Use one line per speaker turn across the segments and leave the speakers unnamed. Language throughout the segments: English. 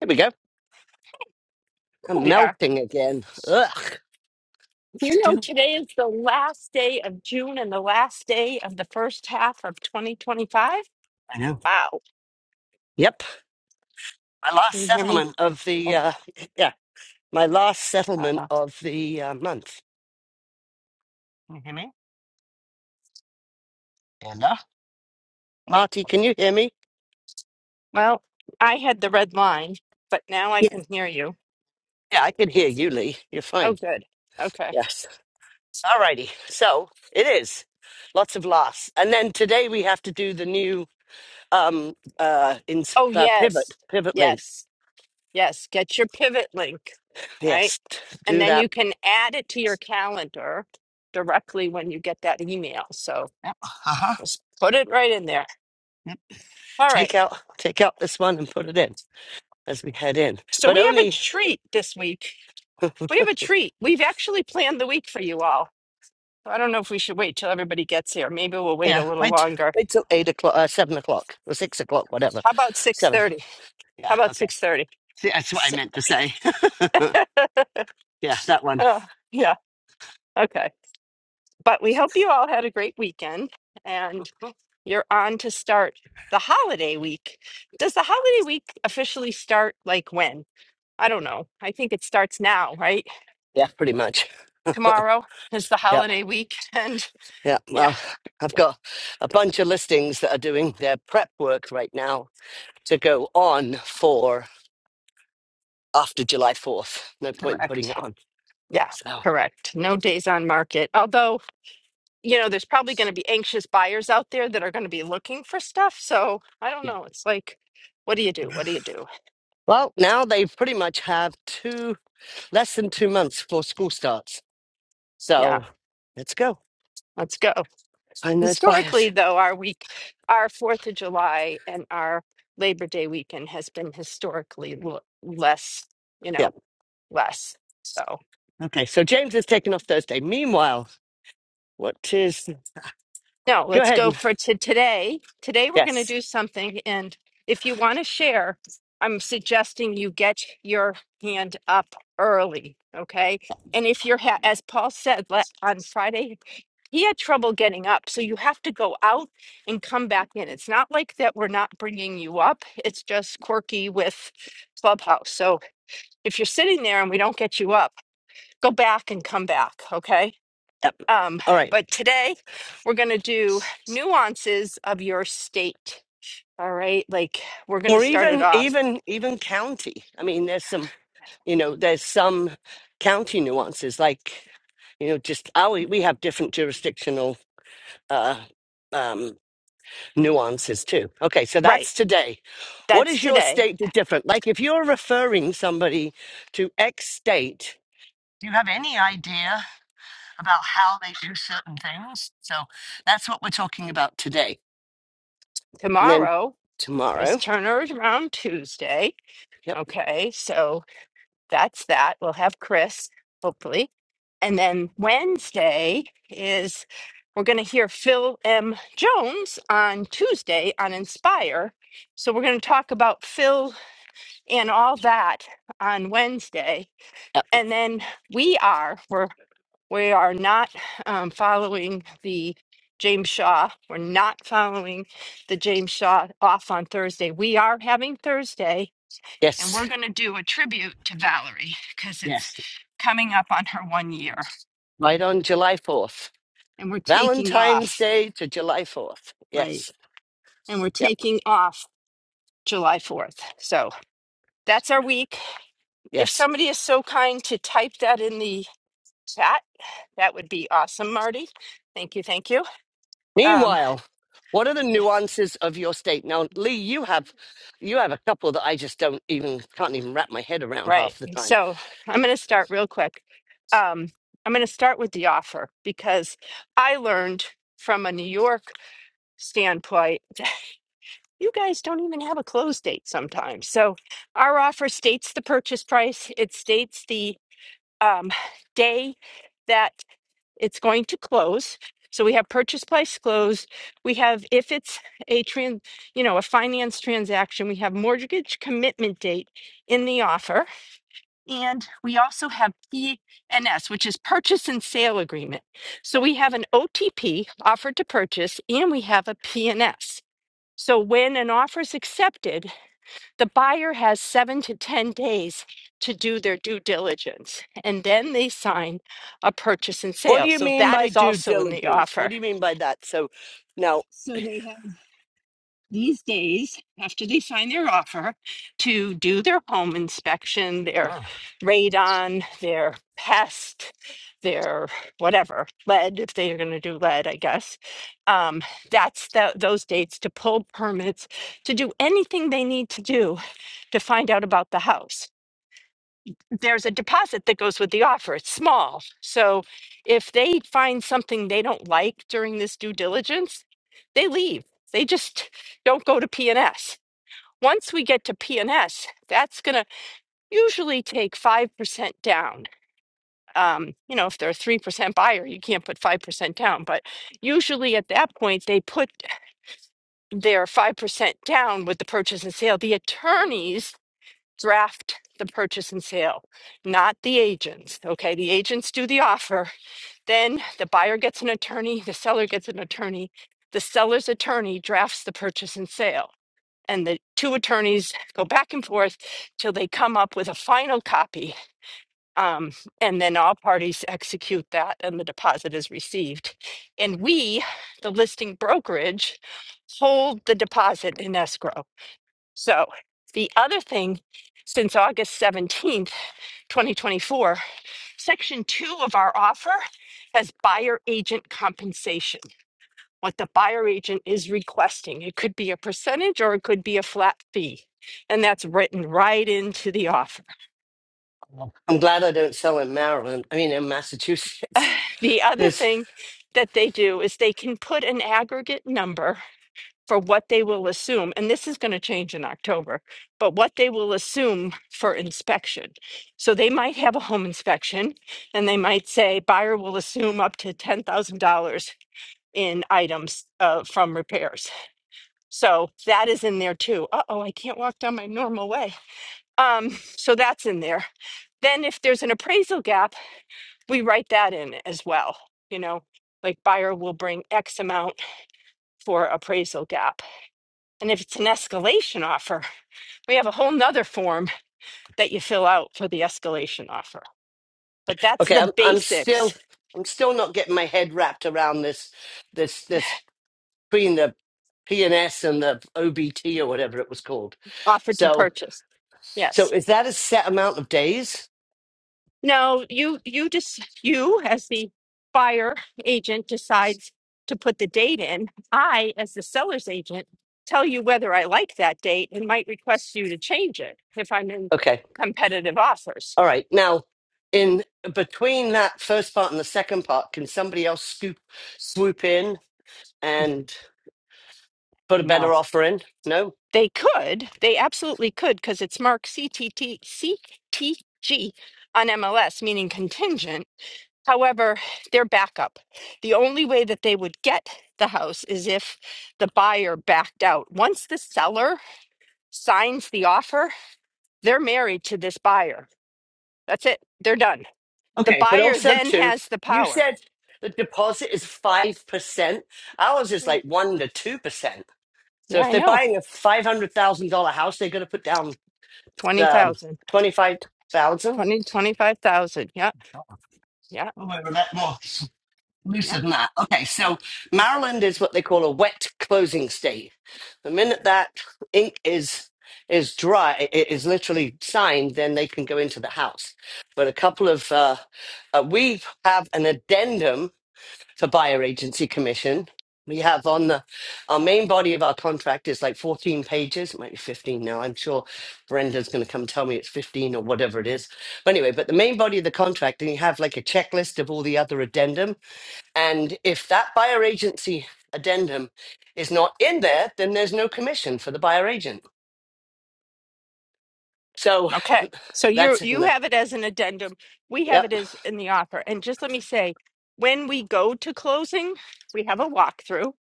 Here we go. I'm
We are.
melting again. Ugh.
You know,
Still.
today is the last day of June and the last day of the first half of 2025.
I know.
Wow.
Yep. My
Can
last
you hear me?
settlement of the,
Oh,
uh, yeah, my last settlement
uh-uh.
of the uh, month. Can you hear me? Amanda? Marty, can you hear me?
Well, I had the red line, but now I
Yes.
can hear you.
Yeah, I can hear you, Lee. You're
Oh,
fine.
good. Okay.
Yes. All righty. So it is. Lots of laughs. And then today we have to do the new um, uh, in,
Oh,
uh,
yes.
pivot, pivot link.
Yes. Yes. Get your pivot link, right?
Yes.
And
Do
then
that.
you can add it to your calendar directly when you get that email. So
Yep. Uh-huh.
just put it right in there.
Yep.
All right.
Take out, take out this one and put it in. as we head in.
So
But
we have a
only
treat this week We have a treat. We've actually planned the week for you all. I don't know if we should wait till everybody gets here. Maybe we'll wait
yeah,
a little
wait
longer.
wait till eight o'clock uh, seven o'clock or six o'clock, whatever.
How about
Seven.
6:30?
Yeah,
How about
okay.
6:30?
See that's what I meant to say. yeah, that one.
Oh, yeah. Okay. But we hope you all had a great weekend and you're on to start the holiday week. Does the holiday week officially start like when? I don't know. I think it starts now, right?
Yeah, pretty much.
Tomorrow is the
Yep.
holiday week and
Yeah.
yeah,
Well, I've got a bunch of listings that are doing their prep work right now to go on for after July 4th. No point in putting
correct.
it on.
Yeah,
So,
correct. No days on market. Although you know, there's probably going to be anxious buyers out there that are going to be looking for stuff. So I don't
yeah.
know. It's like, what do you do? What do you do?
Well, now they pretty much have two, less than two months before school starts.
Yeah,
So let's go
let's go.
find those buyers.
Historically, though, our week, our 4th of July and our Labor Day weekend has been historically l- less, you
Yeah.
know, less. So.
Okay. So James is taking off Thursday. Meanwhile, what is?
No,
Go
let's
ahead
go
and
for to today. Today we're going to
yes.
do something, and if you want to share, I'm suggesting you get your hand up early, okay? And if you're, ha- as Paul said la- on Friday, he had trouble getting up, so you have to go out and come back in. It's not like that we're not bringing you up; it's just quirky with Clubhouse. So if you're sitting there and we don't get you up, go back and come back, okay?
Yep.
Um,
All right.
but today we're going to do nuances of your state. All right. Like we're going to
Or
start it
even
off.
even even county. I mean, there's some you know there's some county nuances like you know just oh we we have different jurisdictional uh, um, nuances too. Okay. So
Right.
that's today. What
That's
is your
today.
state do different? Like if you're referring somebody to X state, do you have any idea? about how they do certain things. So that's what we're talking about today. And then
Tomorrow is
tomorrow,
Turner's Round Tuesday.
yep,
Okay. So that's that. We'll have Chris, hopefully. And then Wednesday is we're going to hear Phil M. Jones on Tuesday on Inspire. So we're going to talk about Phil and all that on Wednesday
yep,
and then we are we're we are not um, following the james shaw we're not following the james shaw off on thursday we are having thursday and we're
yes,
going to do a tribute to valerie because it's
yes,
coming up on her one year
right on July 4th,
and we're taking
Valentine's
off
Day to July 4th.
right
Yes,
and we're
yep,
taking off july 4th so that's our week if
yes.
somebody is so kind to type that in the chat that would be awesome marty thank you thank you Um.
Meanwhile, what are the nuances of your state? Now, Lee, you have you have a couple that I just don't even can't even wrap my head around
Right.
half the time.
So I'm going to start real quick. Um, I'm going to start with the offer because I learned from a New York standpoint, you guys don't even have a close date sometimes. So our offer states the purchase price, it states the um, day that it's going to close. So we have purchase price close. We have if it's a trans, you know, a finance transaction, we have mortgage commitment date in the offer and we also have PNS, which is purchase and sale agreement. So we have an OTP, offered to purchase, and we have a PNS. So when an offer is accepted, the buyer has seven to 10 days to do their due diligence, and then they sign a purchase and
What do
sale.
you
So
mean
that
by
is
due
also in the
diligence? What
offer.
do you mean by that? So now
these days, after they sign their offer, to do their home inspection, their radon, their pest, their whatever lead, if they are going to do lead, I guess. Um, that's the, those dates to pull permits, to do anything they need to do to find out about the house. There's a deposit that goes with the offer. It's small. So if they find something they don't like during this due diligence, they leave. They just don't go to P&S once we get to PNS, that's going to usually take 5% down. Um, you know, if they're a 3% buyer, you can't put 5% down. But usually at that point, they put their 5% down with the purchase and sale. The attorneys draft the purchase and sale, not the agents. Okay. The agents do the offer. Then the buyer gets an attorney, the seller gets an attorney, the seller's attorney drafts the purchase and sale and the two attorneys go back and forth till they come up with a final copy. Um, and then all parties execute that, and the deposit is received. And we, the listing brokerage, hold the deposit in escrow. So the other thing, since August 17th, 2024, Section 2 of our offer has buyer agent compensation what the buyer agent is requesting. It could be a percentage or it could be a flat fee. And that's written right into the offer.
I'm glad I don't sell in Maryland. I mean in Massachusetts.
The other
Because
thing that they do is they can put an aggregate number for what they will assume. And this is going to change in October, but what they will assume for inspection. So they might have a home inspection and they might say buyer will assume up to $10,000 in items uh, from repairs So that is in there too. Uh oh, I can't walk down my normal way. Um, so that's in there. Then if there's an appraisal gap, we write that in as well. You know, like buyer will bring X amount for appraisal gap. And if it's an escalation offer, we have a whole nother form that you fill out for the escalation offer. But that's
okay,
the
I'm I'm
basics
still I'm still not getting my head wrapped around this this this between the PNS and S and the OBT or whatever it was called.
offered to
So
purchase.
so
Yes.
is that a set amount of days?
No, you you just you as the buyer agent decides to put the date in. I, as the seller's agent, tell you whether I like that date and might request you to change it if I'm in
Okay.
competitive offers.
All right. Now in between that first part and the second part, can somebody else scoop swoop in and put a
No.
better offer in? No?
They could, they absolutely could, because it's marked C T T C T G on MLS, meaning contingent. However, they're backup. The only way that they would get the house is if the buyer backed out. Once the seller signs the offer, they're married to this buyer. That's it. They're done. The
Okay, but
buyer
also
then
too,
has the
you
power.
said the deposit is five percent. Ours is
Oh,
like one to two percent. So
Yeah,
if
I
they're
know.
buying a five hundred thousand dollar house, they're going to put down um,
20,000,
twenty five thousand.
20, twenty-five thousand. Yeah,
Oh,
yeah,
wait, well, that more loose
yeah.
than that. Okay, so Maryland is what they call a wet closing state. The minute that ink is is dry, i- i- is literally signed, then they can go into the house. But a couple of uh, uh, we have an addendum for buyer agency commission. We have on the our main body of our contract is like 14 pages, it might be 15 now. I'm sure Brenda's going to come tell me it's 15 or whatever it is. But anyway, but the main body of the contract, and you have like a checklist of all the other addendum. And if that buyer agency addendum is not in there, then there's no commission for the buyer agent. So
Okay. So you
that's in
you
the
have it as an addendum. We
yep.
have it as in the offer. And just let me say, when we go to closing, we have a walkthrough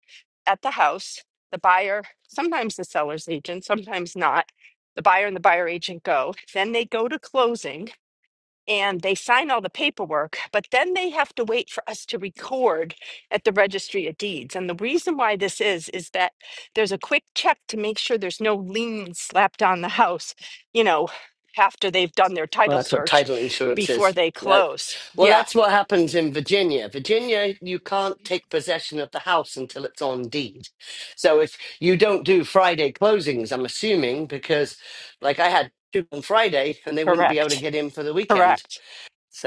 at the house. The buyer, sometimes the seller's agent, sometimes not. The buyer and the buyer agent go. Then they go to closing and they sign all the paperwork, but then they have to wait for us to record at the registry of deeds. And the reason why this is, is that there's a quick check to make sure there's no lien slapped on the house, you know, after they've done their
Well,
title
that's what
search
title insurance
before
is.
they
No.
close.
Well,
Yeah,
that's what happens in Virginia. Virginia, you can't take possession of the house until it's on deed. So if you don't do Friday closings, I'm assuming, because like I had two on Friday and they wouldn't be able to
correct.
get in for the weekend.
Correct.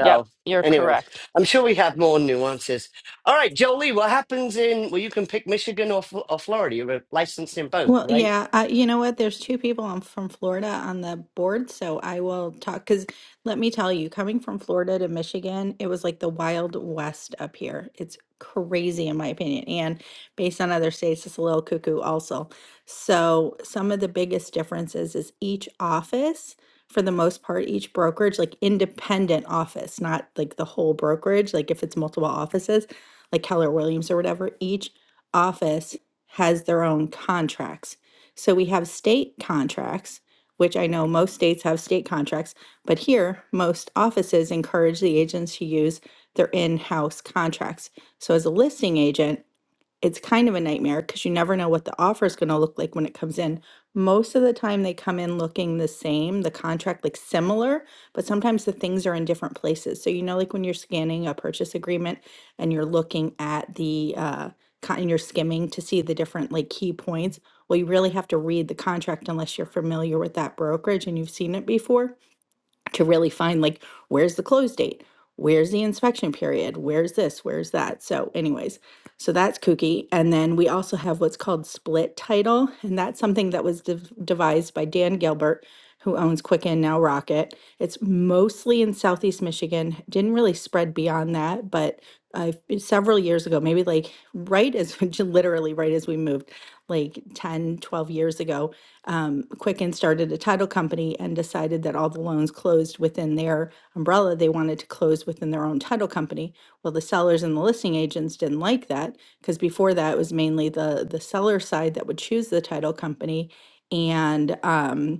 Yep, you're
anyway,
correct.
I'm sure we have more nuances. All right, Jolie, what happens in, well, you can pick Michigan or, F- or Florida. You're licensed in both,
Well,
right?
yeah, uh, you know what? There's two people I'm from Florida on the board, so I will talk. Because let me tell you, coming from Florida to Michigan, it was like the Wild West up here. It's crazy, in my opinion. And based on other states, it's a little cuckoo also. So, some of the biggest differences is each office, for the most part, each brokerage, like independent office, not like the whole brokerage, like if it's multiple offices, like Keller Williams or whatever, each office has their own contracts. So we have state contracts, which I know most states have state contracts, but here most offices encourage the agents to use their in house contracts. So as a listing agent, it's kind of a nightmare because you never know what the offer is going to look like when it comes in. Most of the time, they come in looking the same, the contract like similar, but sometimes the things are in different places. So, you know, like when you're scanning a purchase agreement and you're looking at the, uh, co- and you're skimming to see the different like key points. Well, you really have to read the contract unless you're familiar with that brokerage and you've seen it before to really find like where's the close date where's the inspection period where's this where's that so anyways so that's kooky and then we also have what's called split title and that's something that was dev- devised by dan gilbert who owns quicken now rocket it's mostly in southeast michigan didn't really spread beyond that but uh, several years ago maybe like right as literally right as we moved like 10, 12 years ago um, Quicken started a title company and decided that all the loans closed within their umbrella. They wanted to close within their own title company. Well, the sellers and the listing agents didn't like that because before that it was mainly the the seller side that would choose the title company, and um,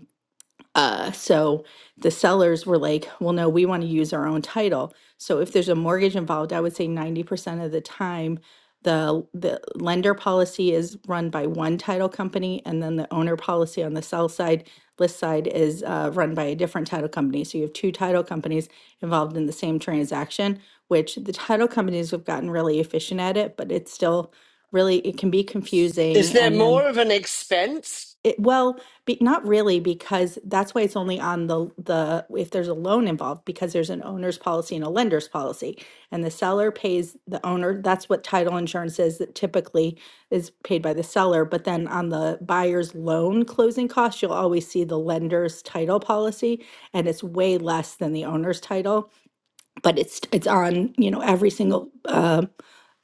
uh, so the sellers were like, well, no, we want to use our own title. So if there's a mortgage involved, I would say 90% of the time, the, the lender policy is run by one title company, and then the owner policy on the sell side, list side is uh, run by a different title company. So you have two title companies involved in the same transaction, which the title companies have gotten really efficient at it, but it's still really, it can be
Is
confusing.
there
And then
more of an expense?
it, well, be, not really, because that's why it's only on the the if there's a loan involved, because there's an owner's policy and a lender's policy, and the seller pays the owner. That's what title insurance is that typically is paid by the seller. But then on the buyer's loan closing costs, you'll always see the lender's title policy, and it's way less than the owner's title. But it's it's on you know every single. uh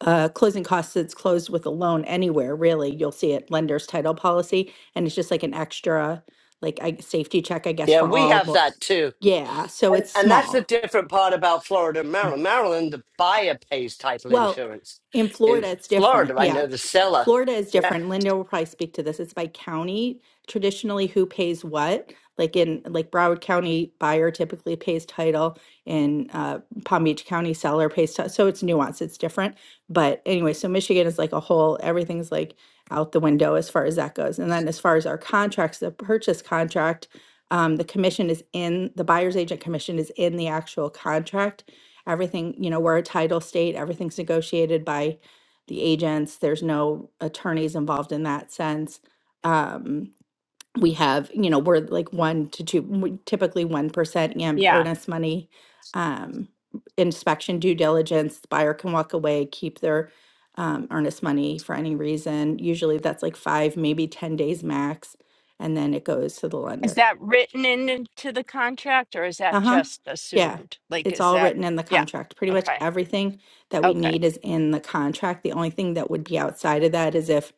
uh, closing costs that's closed with a loan anywhere, really, you'll see it lender's title policy. And it's just like an extra, like I, safety check, I guess,
Yeah,
for
we
all
have
more.
that too.
Yeah. So
And,
it's
and that's the
small.
different part about Florida and Maryland. Maryland, the buyer pays title
Well,
insurance.
in
In
Florida, it's
Florida,
different.
I
Yeah.
know the seller.
Florida is
Yeah.
different. Linda will probably speak to this. It's by county. Traditionally, who pays what? Like in like Broward County, buyer typically pays title, and uh, Palm Beach County seller pays. T- so it's nuanced. It's different. But anyway, so Michigan is like a whole. Everything's like out the window as far as that goes. And then as far as our contracts, the purchase contract, um, the commission is in the buyer's agent commission is in the actual contract. Everything, you know, we're a title state. Everything's negotiated by the agents. There's no attorneys involved in that sense. Um, we have, you know, we're like one to two, we- typically 1% and
Yeah.
earnest money um, inspection due diligence. The buyer can walk away, keep their um, earnest money for any reason. Usually that's like five, maybe 10 days max. And then it goes to the
Is
lender.
that written in into the contract or is that
Uh huh.
just
Yeah.
assumed? Like,
It's
is
all
that,
written in the
yeah,
contract. Pretty much
okay,
everything that we
okay,
need is in the contract. The only thing that would be outside of that is if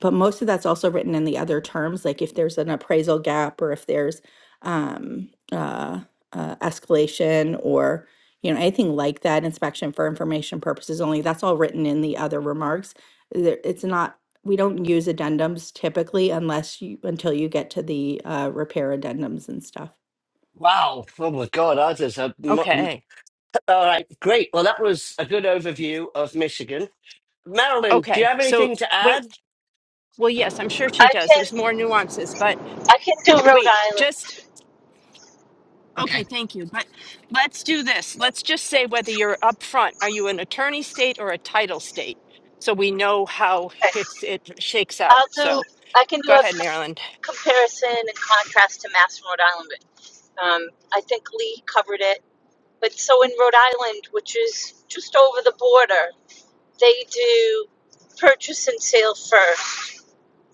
but most of that's also written in the other terms like if there's an appraisal gap or if there's um, uh, uh, escalation or you know anything like that inspection for information purposes only that's all written in the other remarks There- it's not we don't use addendums typically unless you until you get to the uh, repair addendums and stuff
Wow. Oh my God. Ours is a. mo-
okay,
All right. Great. Well, that was a good overview of Michigan. Maryland, do you
okay.
have
So,
anything to
wait.
add?
Well, yes, I'm sure she
I
does. There's
can
more nuances, but
I can do Rhode
wait,
Island.
just okay,
Okay.
thank you. But let's do this. Let's just say whether you're upfront, are you an attorney state or a title state? So we know how
Okay.
it it shakes out.
I'll do
So
I can do
go
a
ahead,
c-
Maryland.
comparison and contrast to Mass and Rhode Island. But, um, I think Lee covered it. But so in Rhode Island, which is just over the border, they do purchase and sale first.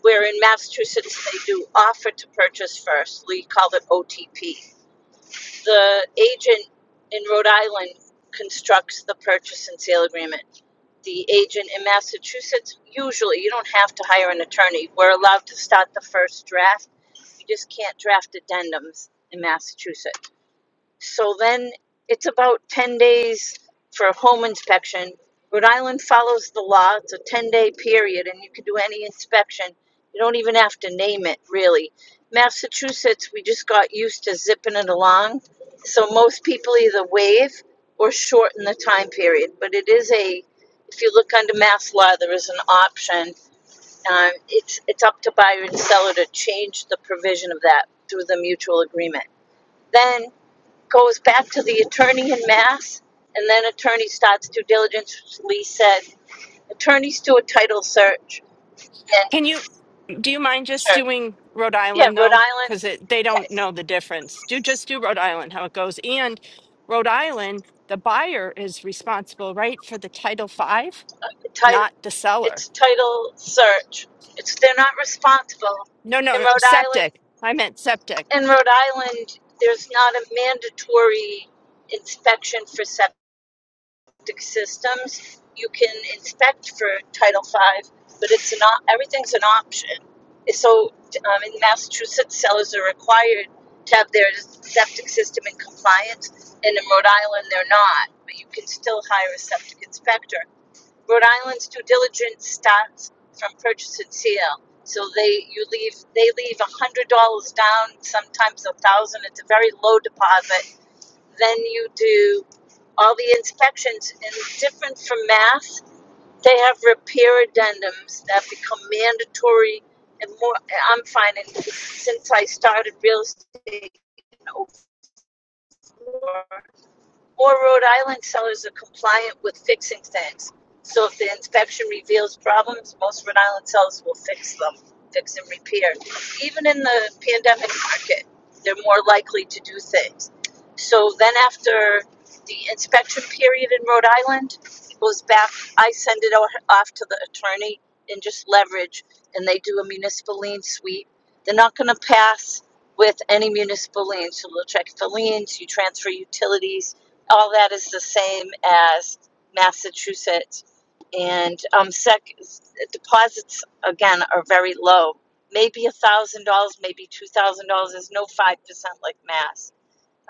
Where in Massachusetts they do offer to purchase first. Lee called it OTP. the agent in Rhode Island constructs the purchase and sale agreement. The agent in Massachusetts, usually, you don't have to hire an attorney. We're allowed to start the first draft. You just can't draft addendums in Massachusetts. So then it's about 10 days for a home inspection. Rhode Island follows the law. It's a 10 day period, and you can do any inspection. You don't even have to name it, really. Massachusetts, we just got used to zipping it along. So most people either waive or shorten the time period. But it is a, if you look under mass law, there is an option. Um, it's, it's up to buyer and seller to change the provision of that through the mutual agreement. Then goes back to the attorney in mass, and then attorney starts due diligence. Lee said, attorneys do a title search. And
Can you do you mind just
sure,
doing Rhode
yeah,
Island
Rhode
though? Because
Island,
they don't
yes,
know the difference. Do just do Rhode Island, how it goes. And Rhode Island, the buyer is responsible, right, for the Title Five,
the title,
not the seller.
it's title search. It's they're not responsible
No, no,
in
no,
Rhode Island.
septic. I meant septic.
In Rhode Island, there's not a mandatory inspection for septic. systems you can inspect for title Five, but it's not everything's an option so um, in massachusetts sellers are required to have their septic system in compliance and in rhode island they're not but you can still hire a septic inspector rhode island's due diligence starts from purchase and sale so they you leave they leave a hundred dollars down sometimes a thousand dollars. it's a very low deposit then you do all the inspections. And different from math, they have repair addendums that become mandatory. And more, I'm finding since I started real estate in '04. More Rhode Island sellers are compliant with fixing things. So if the inspection reveals problems, most Rhode Island sellers will fix them, fix and repair. Even in the pandemic market, they're more likely to do things. So then after the inspection period in Rhode Island it goes back, I send it off to the attorney and just leverage, and they do a municipal lien sweep. They're not going to pass with any municipal liens. So they'll check for liens, you transfer utilities, all that is the same as Massachusetts. And um, sec deposits again are very low, maybe a thousand dollars, maybe two thousand dollars. There's no five percent like Mass.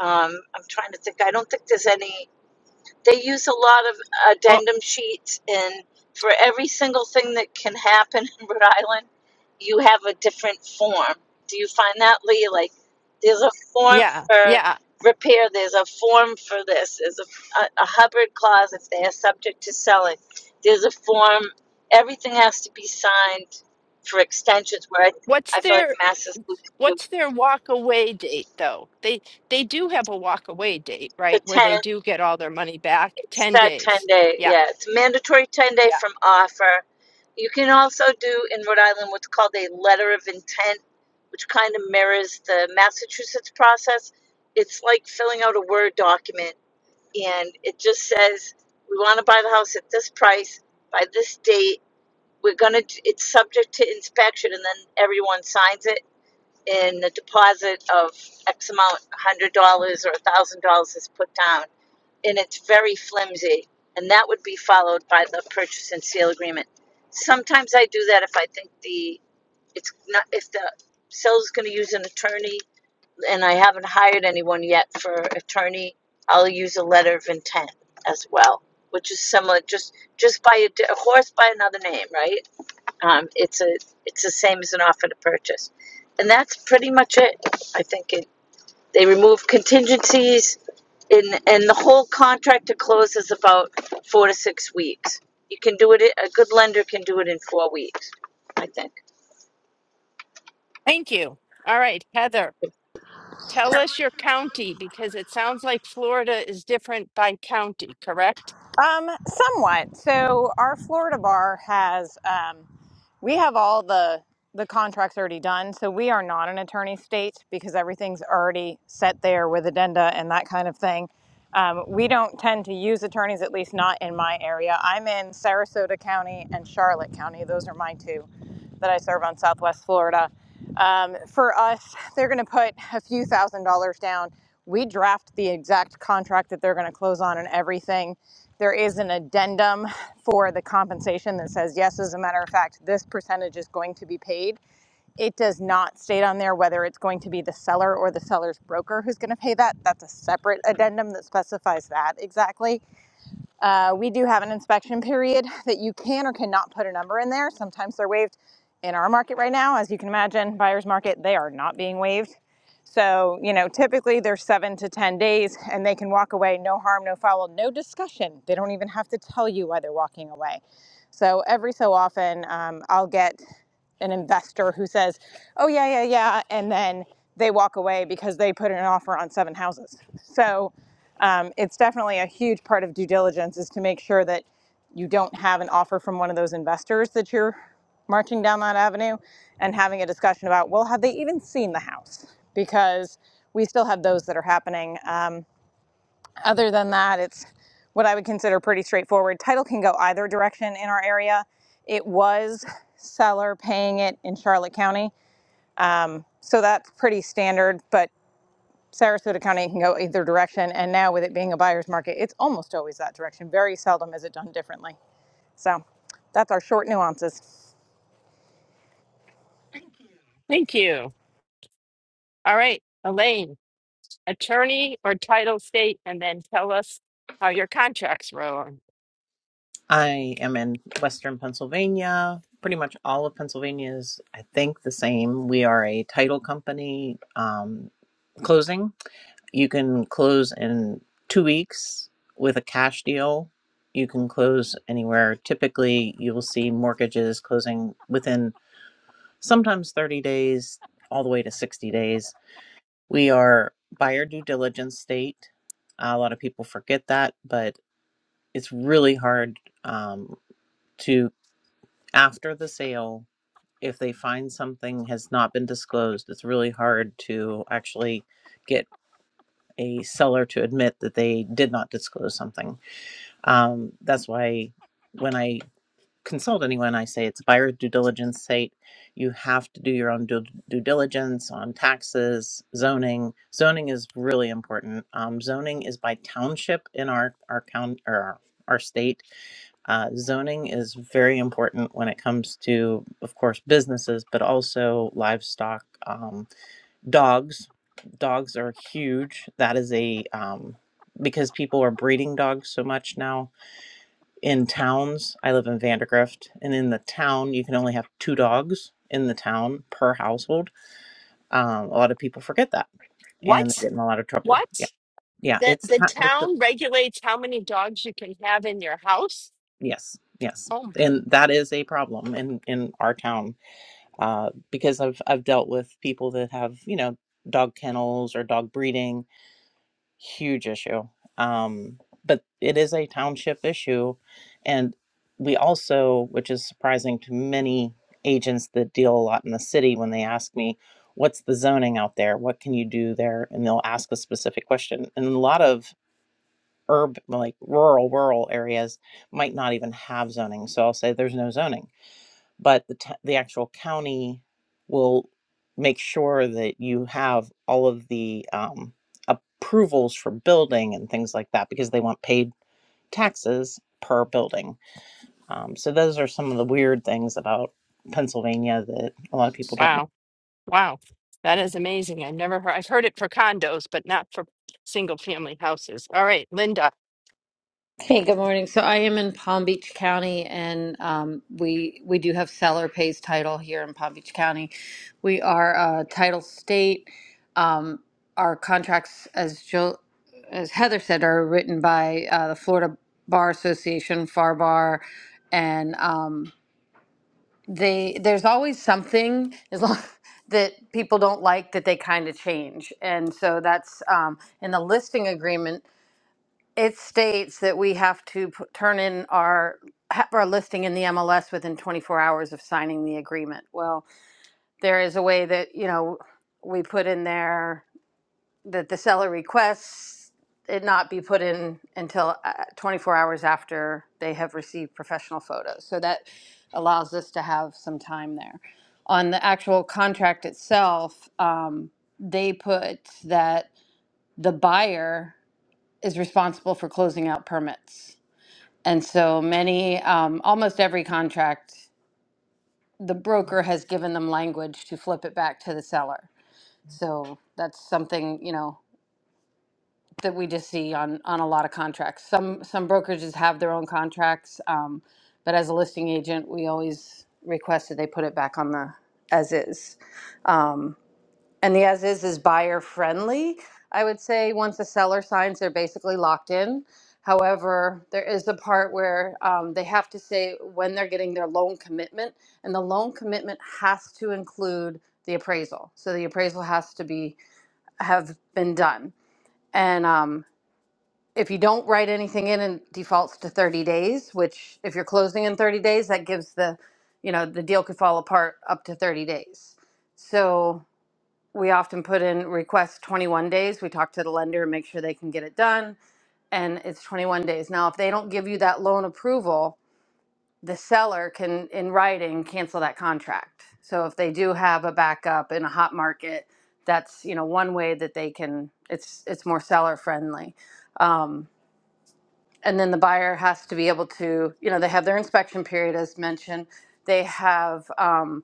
Um, I'm trying to think. I don't think there's any they use a lot of
Well,
addendum sheets and for every single thing that can happen in Rhode Island, you have a different form. Do you find that, Lee? Like, there's a form
yeah,
for
yeah.
repair, there's a form for this, there's a, a, a Hubbard clause if they are subject to selling, there's a form, everything has to be signed for extensions, where I,
What's
I feel like
their
Mass is losing
what's their walk away date though? They they do have a walk away date,
the
right? Where
10.
they do get all their money back,
It's
10
that 10
days.
day,
Yeah,
yeah, it's a mandatory 10 day
yeah.
from offer. You can also do in Rhode Island what's called a letter of intent, which kind of mirrors the Massachusetts process. It's like filling out a Word document, and it just says, We want to buy the house at this price by this date. We're going to, it's subject to inspection, and then everyone signs it, and the deposit of X amount, $100 or $1,000 is put down and it's very flimsy. And that would be followed by the purchase and sale agreement. Sometimes I do that if I think the, it's not, if the seller's gonna use an attorney and I haven't hired anyone yet for attorney, I'll use a letter of intent as well, which is similar, just, just by a, di- a horse by another name, right? Um, it's a, it's the same as an offer to purchase. And that's pretty much it. I think it. They remove contingencies, and and the whole contract to close is about four to six weeks. You can do it. A good lender can do it in four weeks, I think.
Thank you. All right, Heather, tell us your county because it sounds like Florida is different by county, correct?
Um, somewhat. So our Florida bar has um, we have all the the contracts already done, so we are not an attorney state because everything's already set there with addenda and that kind of thing. Um, we don't tend to use attorneys, at least not in my area. I'm in Sarasota County and Charlotte County. Those are my two that I serve on Southwest Florida. Um, for us, they're going to put a few thousand dollars down. We draft the exact contract that they're going to close on and everything. There is an addendum for the compensation that says, yes, as a matter of fact, this percentage is going to be paid. It does not state on there whether it's going to be the seller or the seller's broker who's going to pay that. That's a separate addendum that specifies that exactly. Uh, we do have an inspection period that you can or cannot put a number in there. Sometimes they're waived. In our market right now, as you can imagine, buyer's market, they are not being waived. So, you know, typically they're seven to 10 days and they can walk away, no harm, no foul, no discussion. They don't even have to tell you why they're walking away. So, every so often, um, I'll get an investor who says, oh, yeah, yeah, yeah. And then they walk away because they put in an offer on seven houses. So, um, it's definitely a huge part of due diligence is to make sure that you don't have an offer from one of those investors that you're marching down that avenue and having a discussion about well have they even seen the house because we still have those that are happening um, other than that it's what i would consider pretty straightforward title can go either direction in our area it was seller paying it in charlotte county um, so that's pretty standard but Sarasota County can go either direction. And now with it being a buyer's market, it's almost always that direction. Very seldom is it done differently. So that's our short nuances.
Thank you. All right, Elaine, attorney or title state, and then tell us how your contracts roll.
I am in Western Pennsylvania. Pretty much all of Pennsylvania is, I think, the same. We are a title company um, closing. You can close in two weeks with a cash deal. You can close anywhere. Typically, you will see mortgages closing within sometimes 30 days, all the way to 60 days. We are buyer due diligence state. A lot of people forget that, but it's really hard um, to after the sale, if they find something has not been disclosed, it's really hard to actually get a seller to admit that they did not disclose something. Um, that's why when I consult anyone, I say it's buyer due diligence state. You have to do your own due, due diligence on taxes, zoning. Zoning is really important. Um, zoning is by township in our our county or our, our state uh, zoning is very important when it comes to, of course, businesses, but also livestock. Um, dogs, dogs are huge. That is a um, because people are breeding dogs so much now in towns. I live in Vandergrift, and in the town, you can only have two dogs in the town per household. Um, a lot of people forget that, and they
What?
get in a lot of trouble.
What?
Yeah, yeah,
The
it's,
the
ti- it's a,
town regulates how many dogs you can have in your house.
yes, yes,
Oh,
and that is a problem in in our town uh, because I've I've dealt with people that have you know dog kennels or dog breeding, huge issue. Um, but it is a township issue, and we also, which is surprising to many agents that deal a lot in the city, when they ask me, "What's the zoning out there? What can you do there?" and they'll ask a specific question, and a lot of urban like rural rural areas might not even have zoning so i'll say there's no zoning but the t- the actual county will make sure that you have all of the um, approvals for building and things like that because they want paid taxes per building. Um, so those are some of the weird things about Pennsylvania that a lot of people don't know.
wow. Wow. That is amazing. I've never heard I've heard it for condos, but not for single family houses. All right, Linda,
Hey, good morning. So I am in Palm Beach County, and um, we we do have seller pays title here in Palm Beach County. We are a title state. Um, our contracts, as Jill, as Heather said, are written by uh, the Florida Bar Association, FAR and um, they there's always something as long that people don't like that they kind of change, and so that's um, in the listing agreement. It states that we have to p- turn in our have our listing in the MLS within 24 hours of signing the agreement. Well, there is a way that you know we put in there that the seller requests it not be put in until uh, 24 hours after they have received professional photos. So that allows us to have some time there. On the actual contract itself, um, they put that the buyer is responsible for closing out permits. And so many, um, almost every contract, the broker has given them language to flip it back to the seller. So that's something, you know, that we just see on, on a lot of contracts. Some, some brokerages have their own contracts, um, but as a listing agent, we always request that they put it back on the as is. Um, and the as is is buyer friendly. I would say once the seller signs, they're basically locked in. However, there is a part where um, they have to say when they're getting their loan commitment, and the loan commitment has to include the appraisal. So the appraisal has to be have been done. And um, if you don't write anything in, and defaults to 30 days. Which, if you're closing in 30 days, that gives the, you know, the deal could fall apart up to 30 days. So we often put in requests 21 days. We talk to the lender and make sure they can get it done. And it's 21 days. Now, if they don't give you that loan approval, the seller can, in writing, cancel that contract. So if they do have a backup in a hot market, that's you know one way that they can. It's it's more seller friendly. Um, and then the buyer has to be able to you know they have their inspection period as mentioned. They have. Um,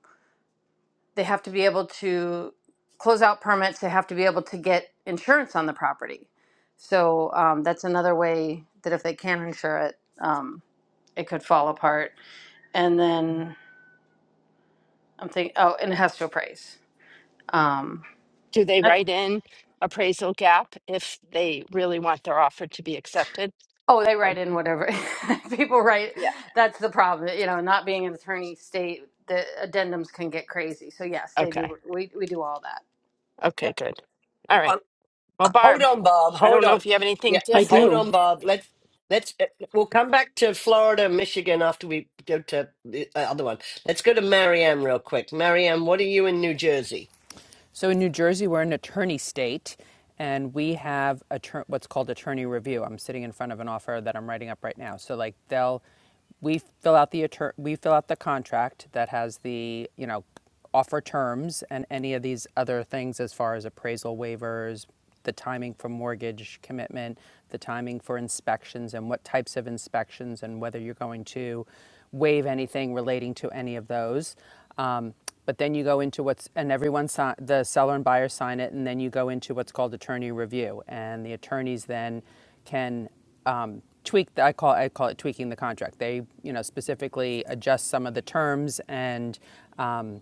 they have to be able to close out permits. They have to be able to get insurance on the property. So um, that's another way that if they can insure it, um, it could fall apart. And then I'm thinking, oh, and it has to appraise. Um,
do they
that's-
write in appraisal gap if they really want their offer to be accepted?
oh, they
Or-
write in whatever people write.
Yeah.
That's the problem. You know, not being an attorney state, the addendums can get crazy. So yes, they
okay.
do. We we do all that.
Okay, good. All right.
Um,
Well,
hold
Barb,
on, Bob.
I
Hold
don't know
on.
if you have anything
Yeah.
I
different.
Hold
do.
on, Bob. Let's. Let's. uh, We'll come back to Florida, and Michigan after we go to the uh, other one. Let's go to Marianne real quick. Marianne, what are you in New Jersey?
So in New Jersey, we're an attorney state, and we have attor- what's called attorney review. I'm sitting in front of an offer that I'm writing up right now. So like they'll, we fill out the attor- we fill out the contract that has the you know offer terms and any of these other things as far as appraisal waivers, the timing for mortgage commitment, the timing for inspections and what types of inspections and whether you're going to waive anything relating to any of those. Um, but then you go into what's, and everyone, si- the seller and buyer sign it, and then you go into what's called attorney review. And the attorneys then can um, tweak, the, I, call, I call it tweaking the contract. They, you know, specifically adjust some of the terms and, um,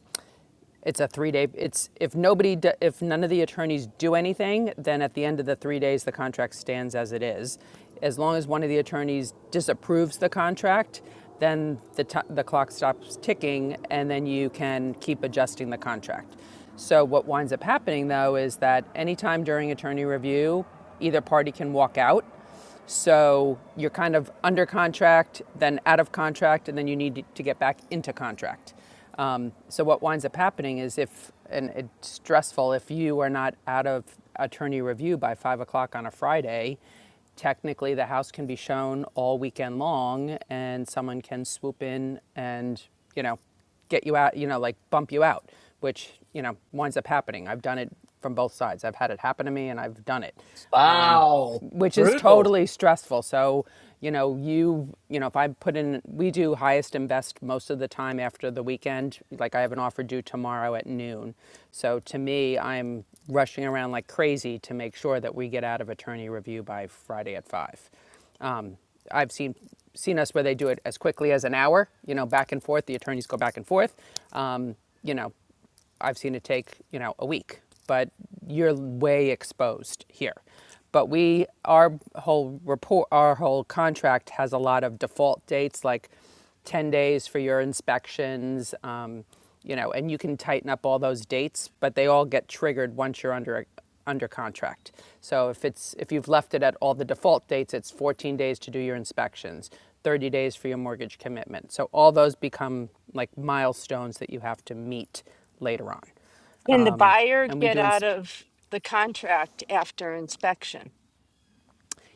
it's a three-day, it's, if nobody, if none of the attorneys do anything, then at the end of the three days, the contract stands as it is. As long as one of the attorneys disapproves the contract, then the, ti the clock stops ticking and then you can keep adjusting the contract. So what winds up happening though is that anytime during attorney review, either party can walk out so you're kind of under contract, then out of contract, and then you need to get back into contract. Um, so what winds up happening is if, and it's stressful, if you are not out of attorney review by five o'clock on a Friday, technically the house can be shown all weekend long and someone can swoop in and, you know, get you out, you know, like bump you out, which, you know, winds up happening. I've done it from both sides. I've had it happen to me and I've done it, um,
Wow.
which is
Brutal.
totally stressful. So, you know, you, you know, if I put in, we do highest and best most of the time after the weekend. Like I have an offer due tomorrow at noon. So to me, I'm rushing around like crazy to make sure that we get out of attorney review by Friday at five. Um, I've seen seen us where they do it as quickly as an hour. You know, back and forth. The attorneys go back and forth. Um, you know, I've seen it take you know a week. But you're way exposed here. But we our whole report our whole contract has a lot of default dates like 10 days for your inspections. Um, you know, and you can tighten up all those dates, but they all get triggered once you're under under contract. So if it's, if you've left it at all the default dates, it's 14 days to do your inspections, 30 days for your mortgage commitment. So all those become like milestones that you have to meet later on.
Can the
Um,
buyer
and we
get
do
out
ins-
of the contract after inspection?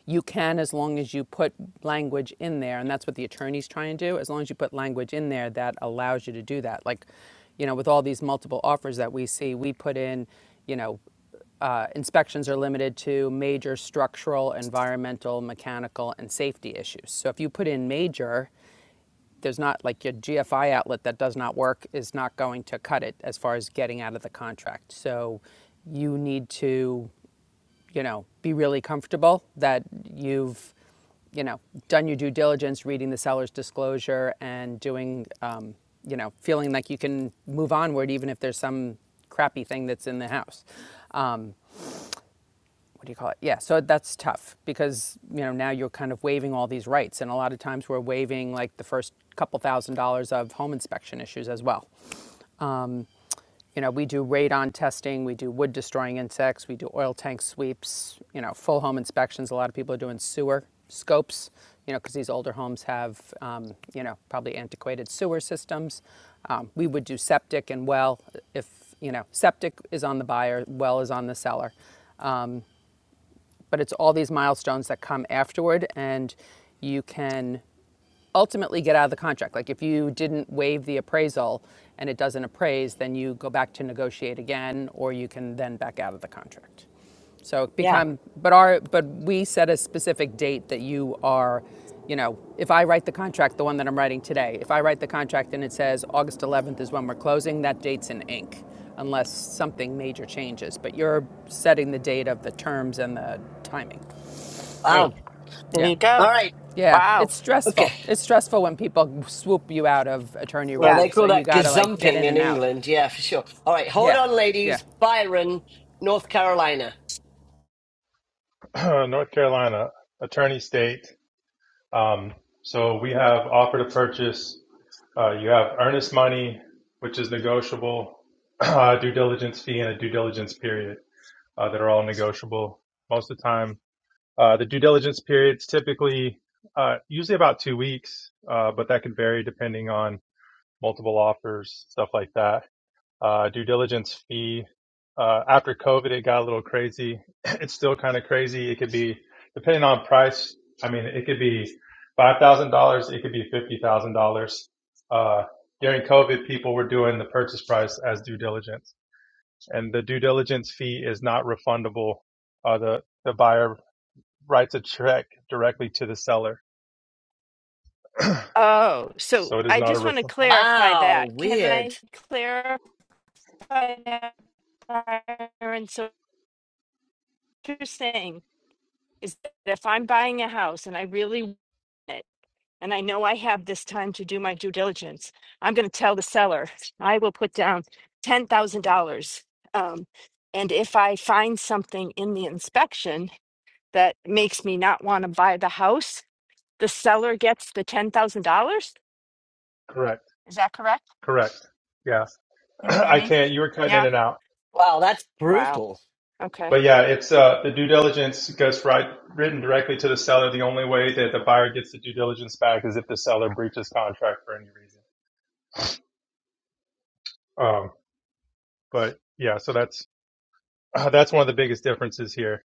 You can as long as you put language in there, and that's what the attorneys try and do, as long as you put language in there that allows you to do that. Like, you know, with all these multiple offers that we see, we put in, you know, uh, inspections are limited to major structural, environmental, mechanical, and safety issues. So if you put in major, there's not like your GFI outlet that does not work is not going to cut it as far as getting out of the contract. So you need to you know, be really comfortable that you've, you know, done your due diligence, reading the seller's disclosure, and doing, um, you know, feeling like you can move onward even if there's some crappy thing that's in the house. Um, what do you call it? Yeah, so that's tough because you know now you're kind of waiving all these rights, and a lot of times we're waiving like the first couple thousand dollars of home inspection issues as well. You know, we do radon testing, we do wood destroying insects, we do oil tank sweeps, you know, full home inspections. A lot of people are doing sewer scopes, you know, because these older homes have, um, you know, probably antiquated sewer systems. Um, we would do septic and well if, you know, septic is on the buyer, well is on the seller. Um, but it's all these milestones that come afterward, and you can ultimately get out of the contract. Like if you didn't waive the appraisal and it doesn't appraise, then you go back to negotiate again, or you can then back out of the contract. So it
Yeah,
become, but our, but we set a specific date that you are, you know, if I write the contract, the one that I'm writing today, if I write the contract and it says August 11th is when we're closing, that date's in ink, unless something major changes. But you're setting the date of the terms and the timing.
Wow.
right. There
Yeah.
you
All
go.
right.
Yeah, it's
Wow.
stressful.
Okay.
It's stressful when people swoop you out of attorney
Well,
Yeah.
review.
they
So
call
you
that
got to like get
gazumping
in
in
and out.
England. Yeah, for sure. All right. Hold
Yeah.
on,
Yeah.
ladies. Byron, North Carolina.
uh, North Carolina attorney state. Um, so we have offer to purchase. Uh, you have earnest money, which is negotiable, uh, due diligence fee, and a due diligence period uh, that are all negotiable. Most of the time, uh, the due diligence period's typically uh, usually about two weeks, uh, but that could vary depending on multiple offers, stuff like that uh, due diligence fee. Uh, after COVID, it got a little crazy. It's still kind of crazy. It could be depending on price. I mean, it could be five thousand dollars. It could be fifty thousand uh, dollars. Uh, During COVID, people were doing the purchase price as due diligence, and the due diligence fee is not refundable. Uh, the the buyer writes a check directly to the seller,
Oh, so
so it is
I
not a
just want to
refund.
clarify
Wow.
that. Can I
Weird.
clarify that, Byron? So what you're saying is that if I'm buying a house and I really want it, and I know I have this time to do my due diligence, I'm going to tell the seller I will put down ten thousand dollars. Um, and if I find something in the inspection that makes me not want to buy the house, the seller gets the ten thousand dollars.
Correct.
Is that correct?
Correct. Yeah,
Can you hear
I
me?
can't. You were
Yeah.
cutting in and out.
Wow. That's
Wow.
brutal.
Okay.
But yeah, it's uh, the due diligence goes right written directly to the seller. The only way that the buyer gets the due diligence back is if the seller breaches contract for any reason. Um, but yeah, so that's uh, that's one of the biggest differences here.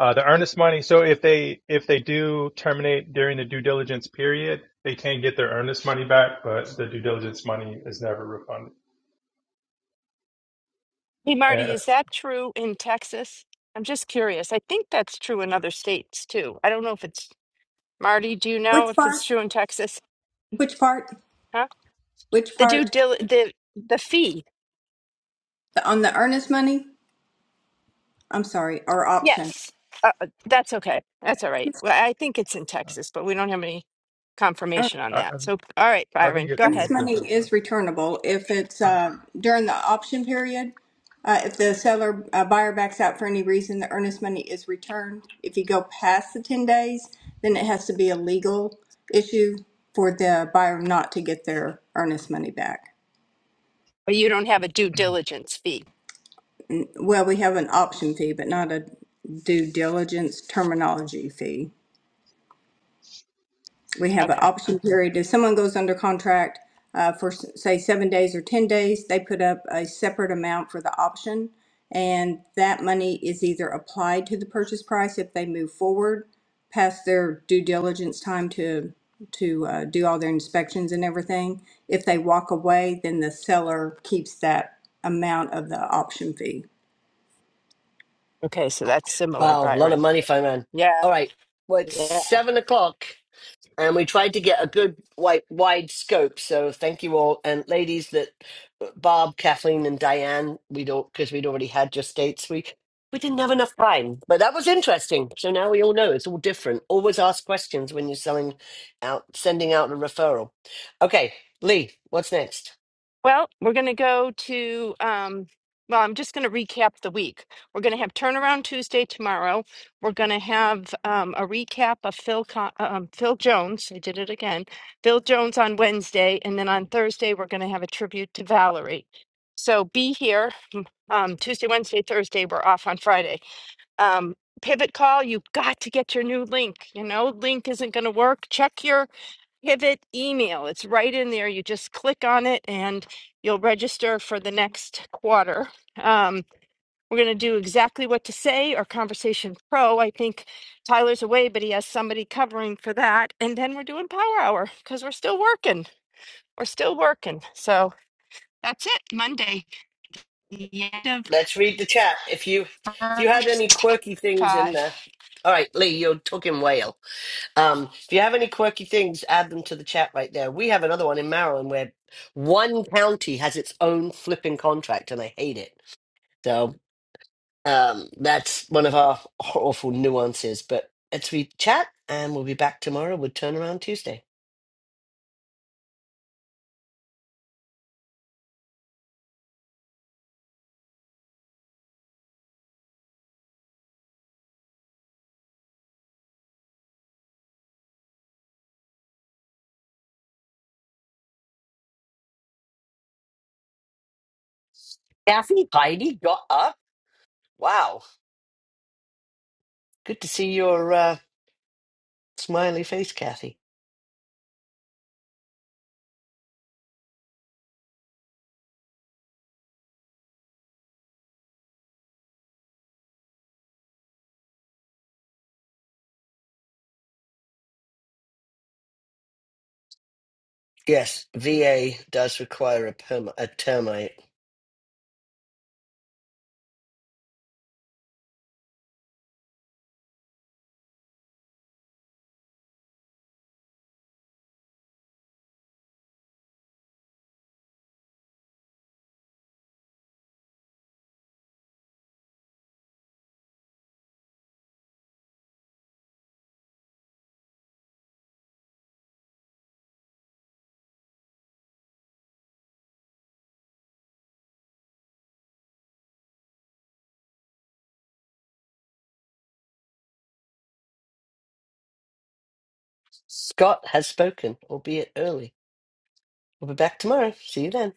Uh, the earnest money. So if they if they do terminate during the due diligence period, they can get their earnest money back, but the due diligence money is never refunded.
Hey, Marty,
And
is that true in Texas? I'm just curious. I think that's true in other states too. I don't know if it's Marty, do you
Which
know if
part?
it's true in Texas?
Which part?
Huh?
Which
The due
part?
dil the the fee.
The, on the earnest money? I'm sorry, or option.
Yes. Uh, uh, that's okay. That's all right. Well, I think it's in Texas, but we don't have any
Ear-
confirmation on
I, I
that. So, all right,
I
Byron,
think it's
go
a little
Earnest
ahead.
money
different, but
is returnable if it's uh, during the option period. Uh, if the seller uh, buyer backs out for any reason, the earnest money is returned. If you go past the 10 days, then it has to be a legal issue for the buyer not to get their earnest money back.
But you don't have a due diligence fee.
Well, we have an option fee, but not a due diligence terminology fee. We have an
Okay.
option period. If someone goes under contract uh, for, s- say, seven days or 10 days, they put up a separate amount for the option. And that money is either applied to the purchase price if they move forward past their due diligence time to, to uh, do all their inspections and everything. If they walk away, then the seller keeps that amount of the option fee.
Okay, so that's similar,
Wow. A lot of
Byron.
money, Fireman.
Yeah.
All right. Well, it's
yeah.
seven o'clock. and we tried to get a good wide, wide scope. So thank you all, and ladies that uh, Bob, Kathleen, and Diane. We don't because we'd already had your states. We we didn't have enough time, but that was interesting. So now we all know it's all different. Always ask questions when you're selling out, sending out a referral. Okay, Lee, what's next?
Well, we're going to go to, um, well, I'm just going to recap the week. We're going to have Turnaround Tuesday tomorrow. We're going to have um, a recap of Phil, Con- um, Phil Jones. I did it again. Phil Jones on Wednesday. And then on Thursday, we're going to have a tribute to Valerie. So be here um, Tuesday, Wednesday, Thursday. We're off on Friday um, pivot call, you've got to get your new link. You know, link isn't going to work. Check your pivot email. It's right in there. You just click on it and you'll register for the next quarter. Um, we're going to do exactly what to say or Conversation Pro. I think Tyler's away, but he has somebody covering for that. And then we're doing Power Hour because we're still working. We're still working. So that's it. Monday, the end
Let's read the chat. If you
of
if you had any
first
quirky things in
five.
there, all right, Lee, you're talking whale. Um, if you have any quirky things, add them to the chat right there. We have another one in Maryland where one county has its own flipping contract, and I hate it. So um, that's one of our awful nuances. But let's read the chat, and we'll be back tomorrow with Turnaround Tuesday. Kathy, Heidi got up. Wow, good to see your uh, smiley face, Kathy. Yes, VA does require a perm a term Scott has spoken, albeit early. We'll be back tomorrow. See you then.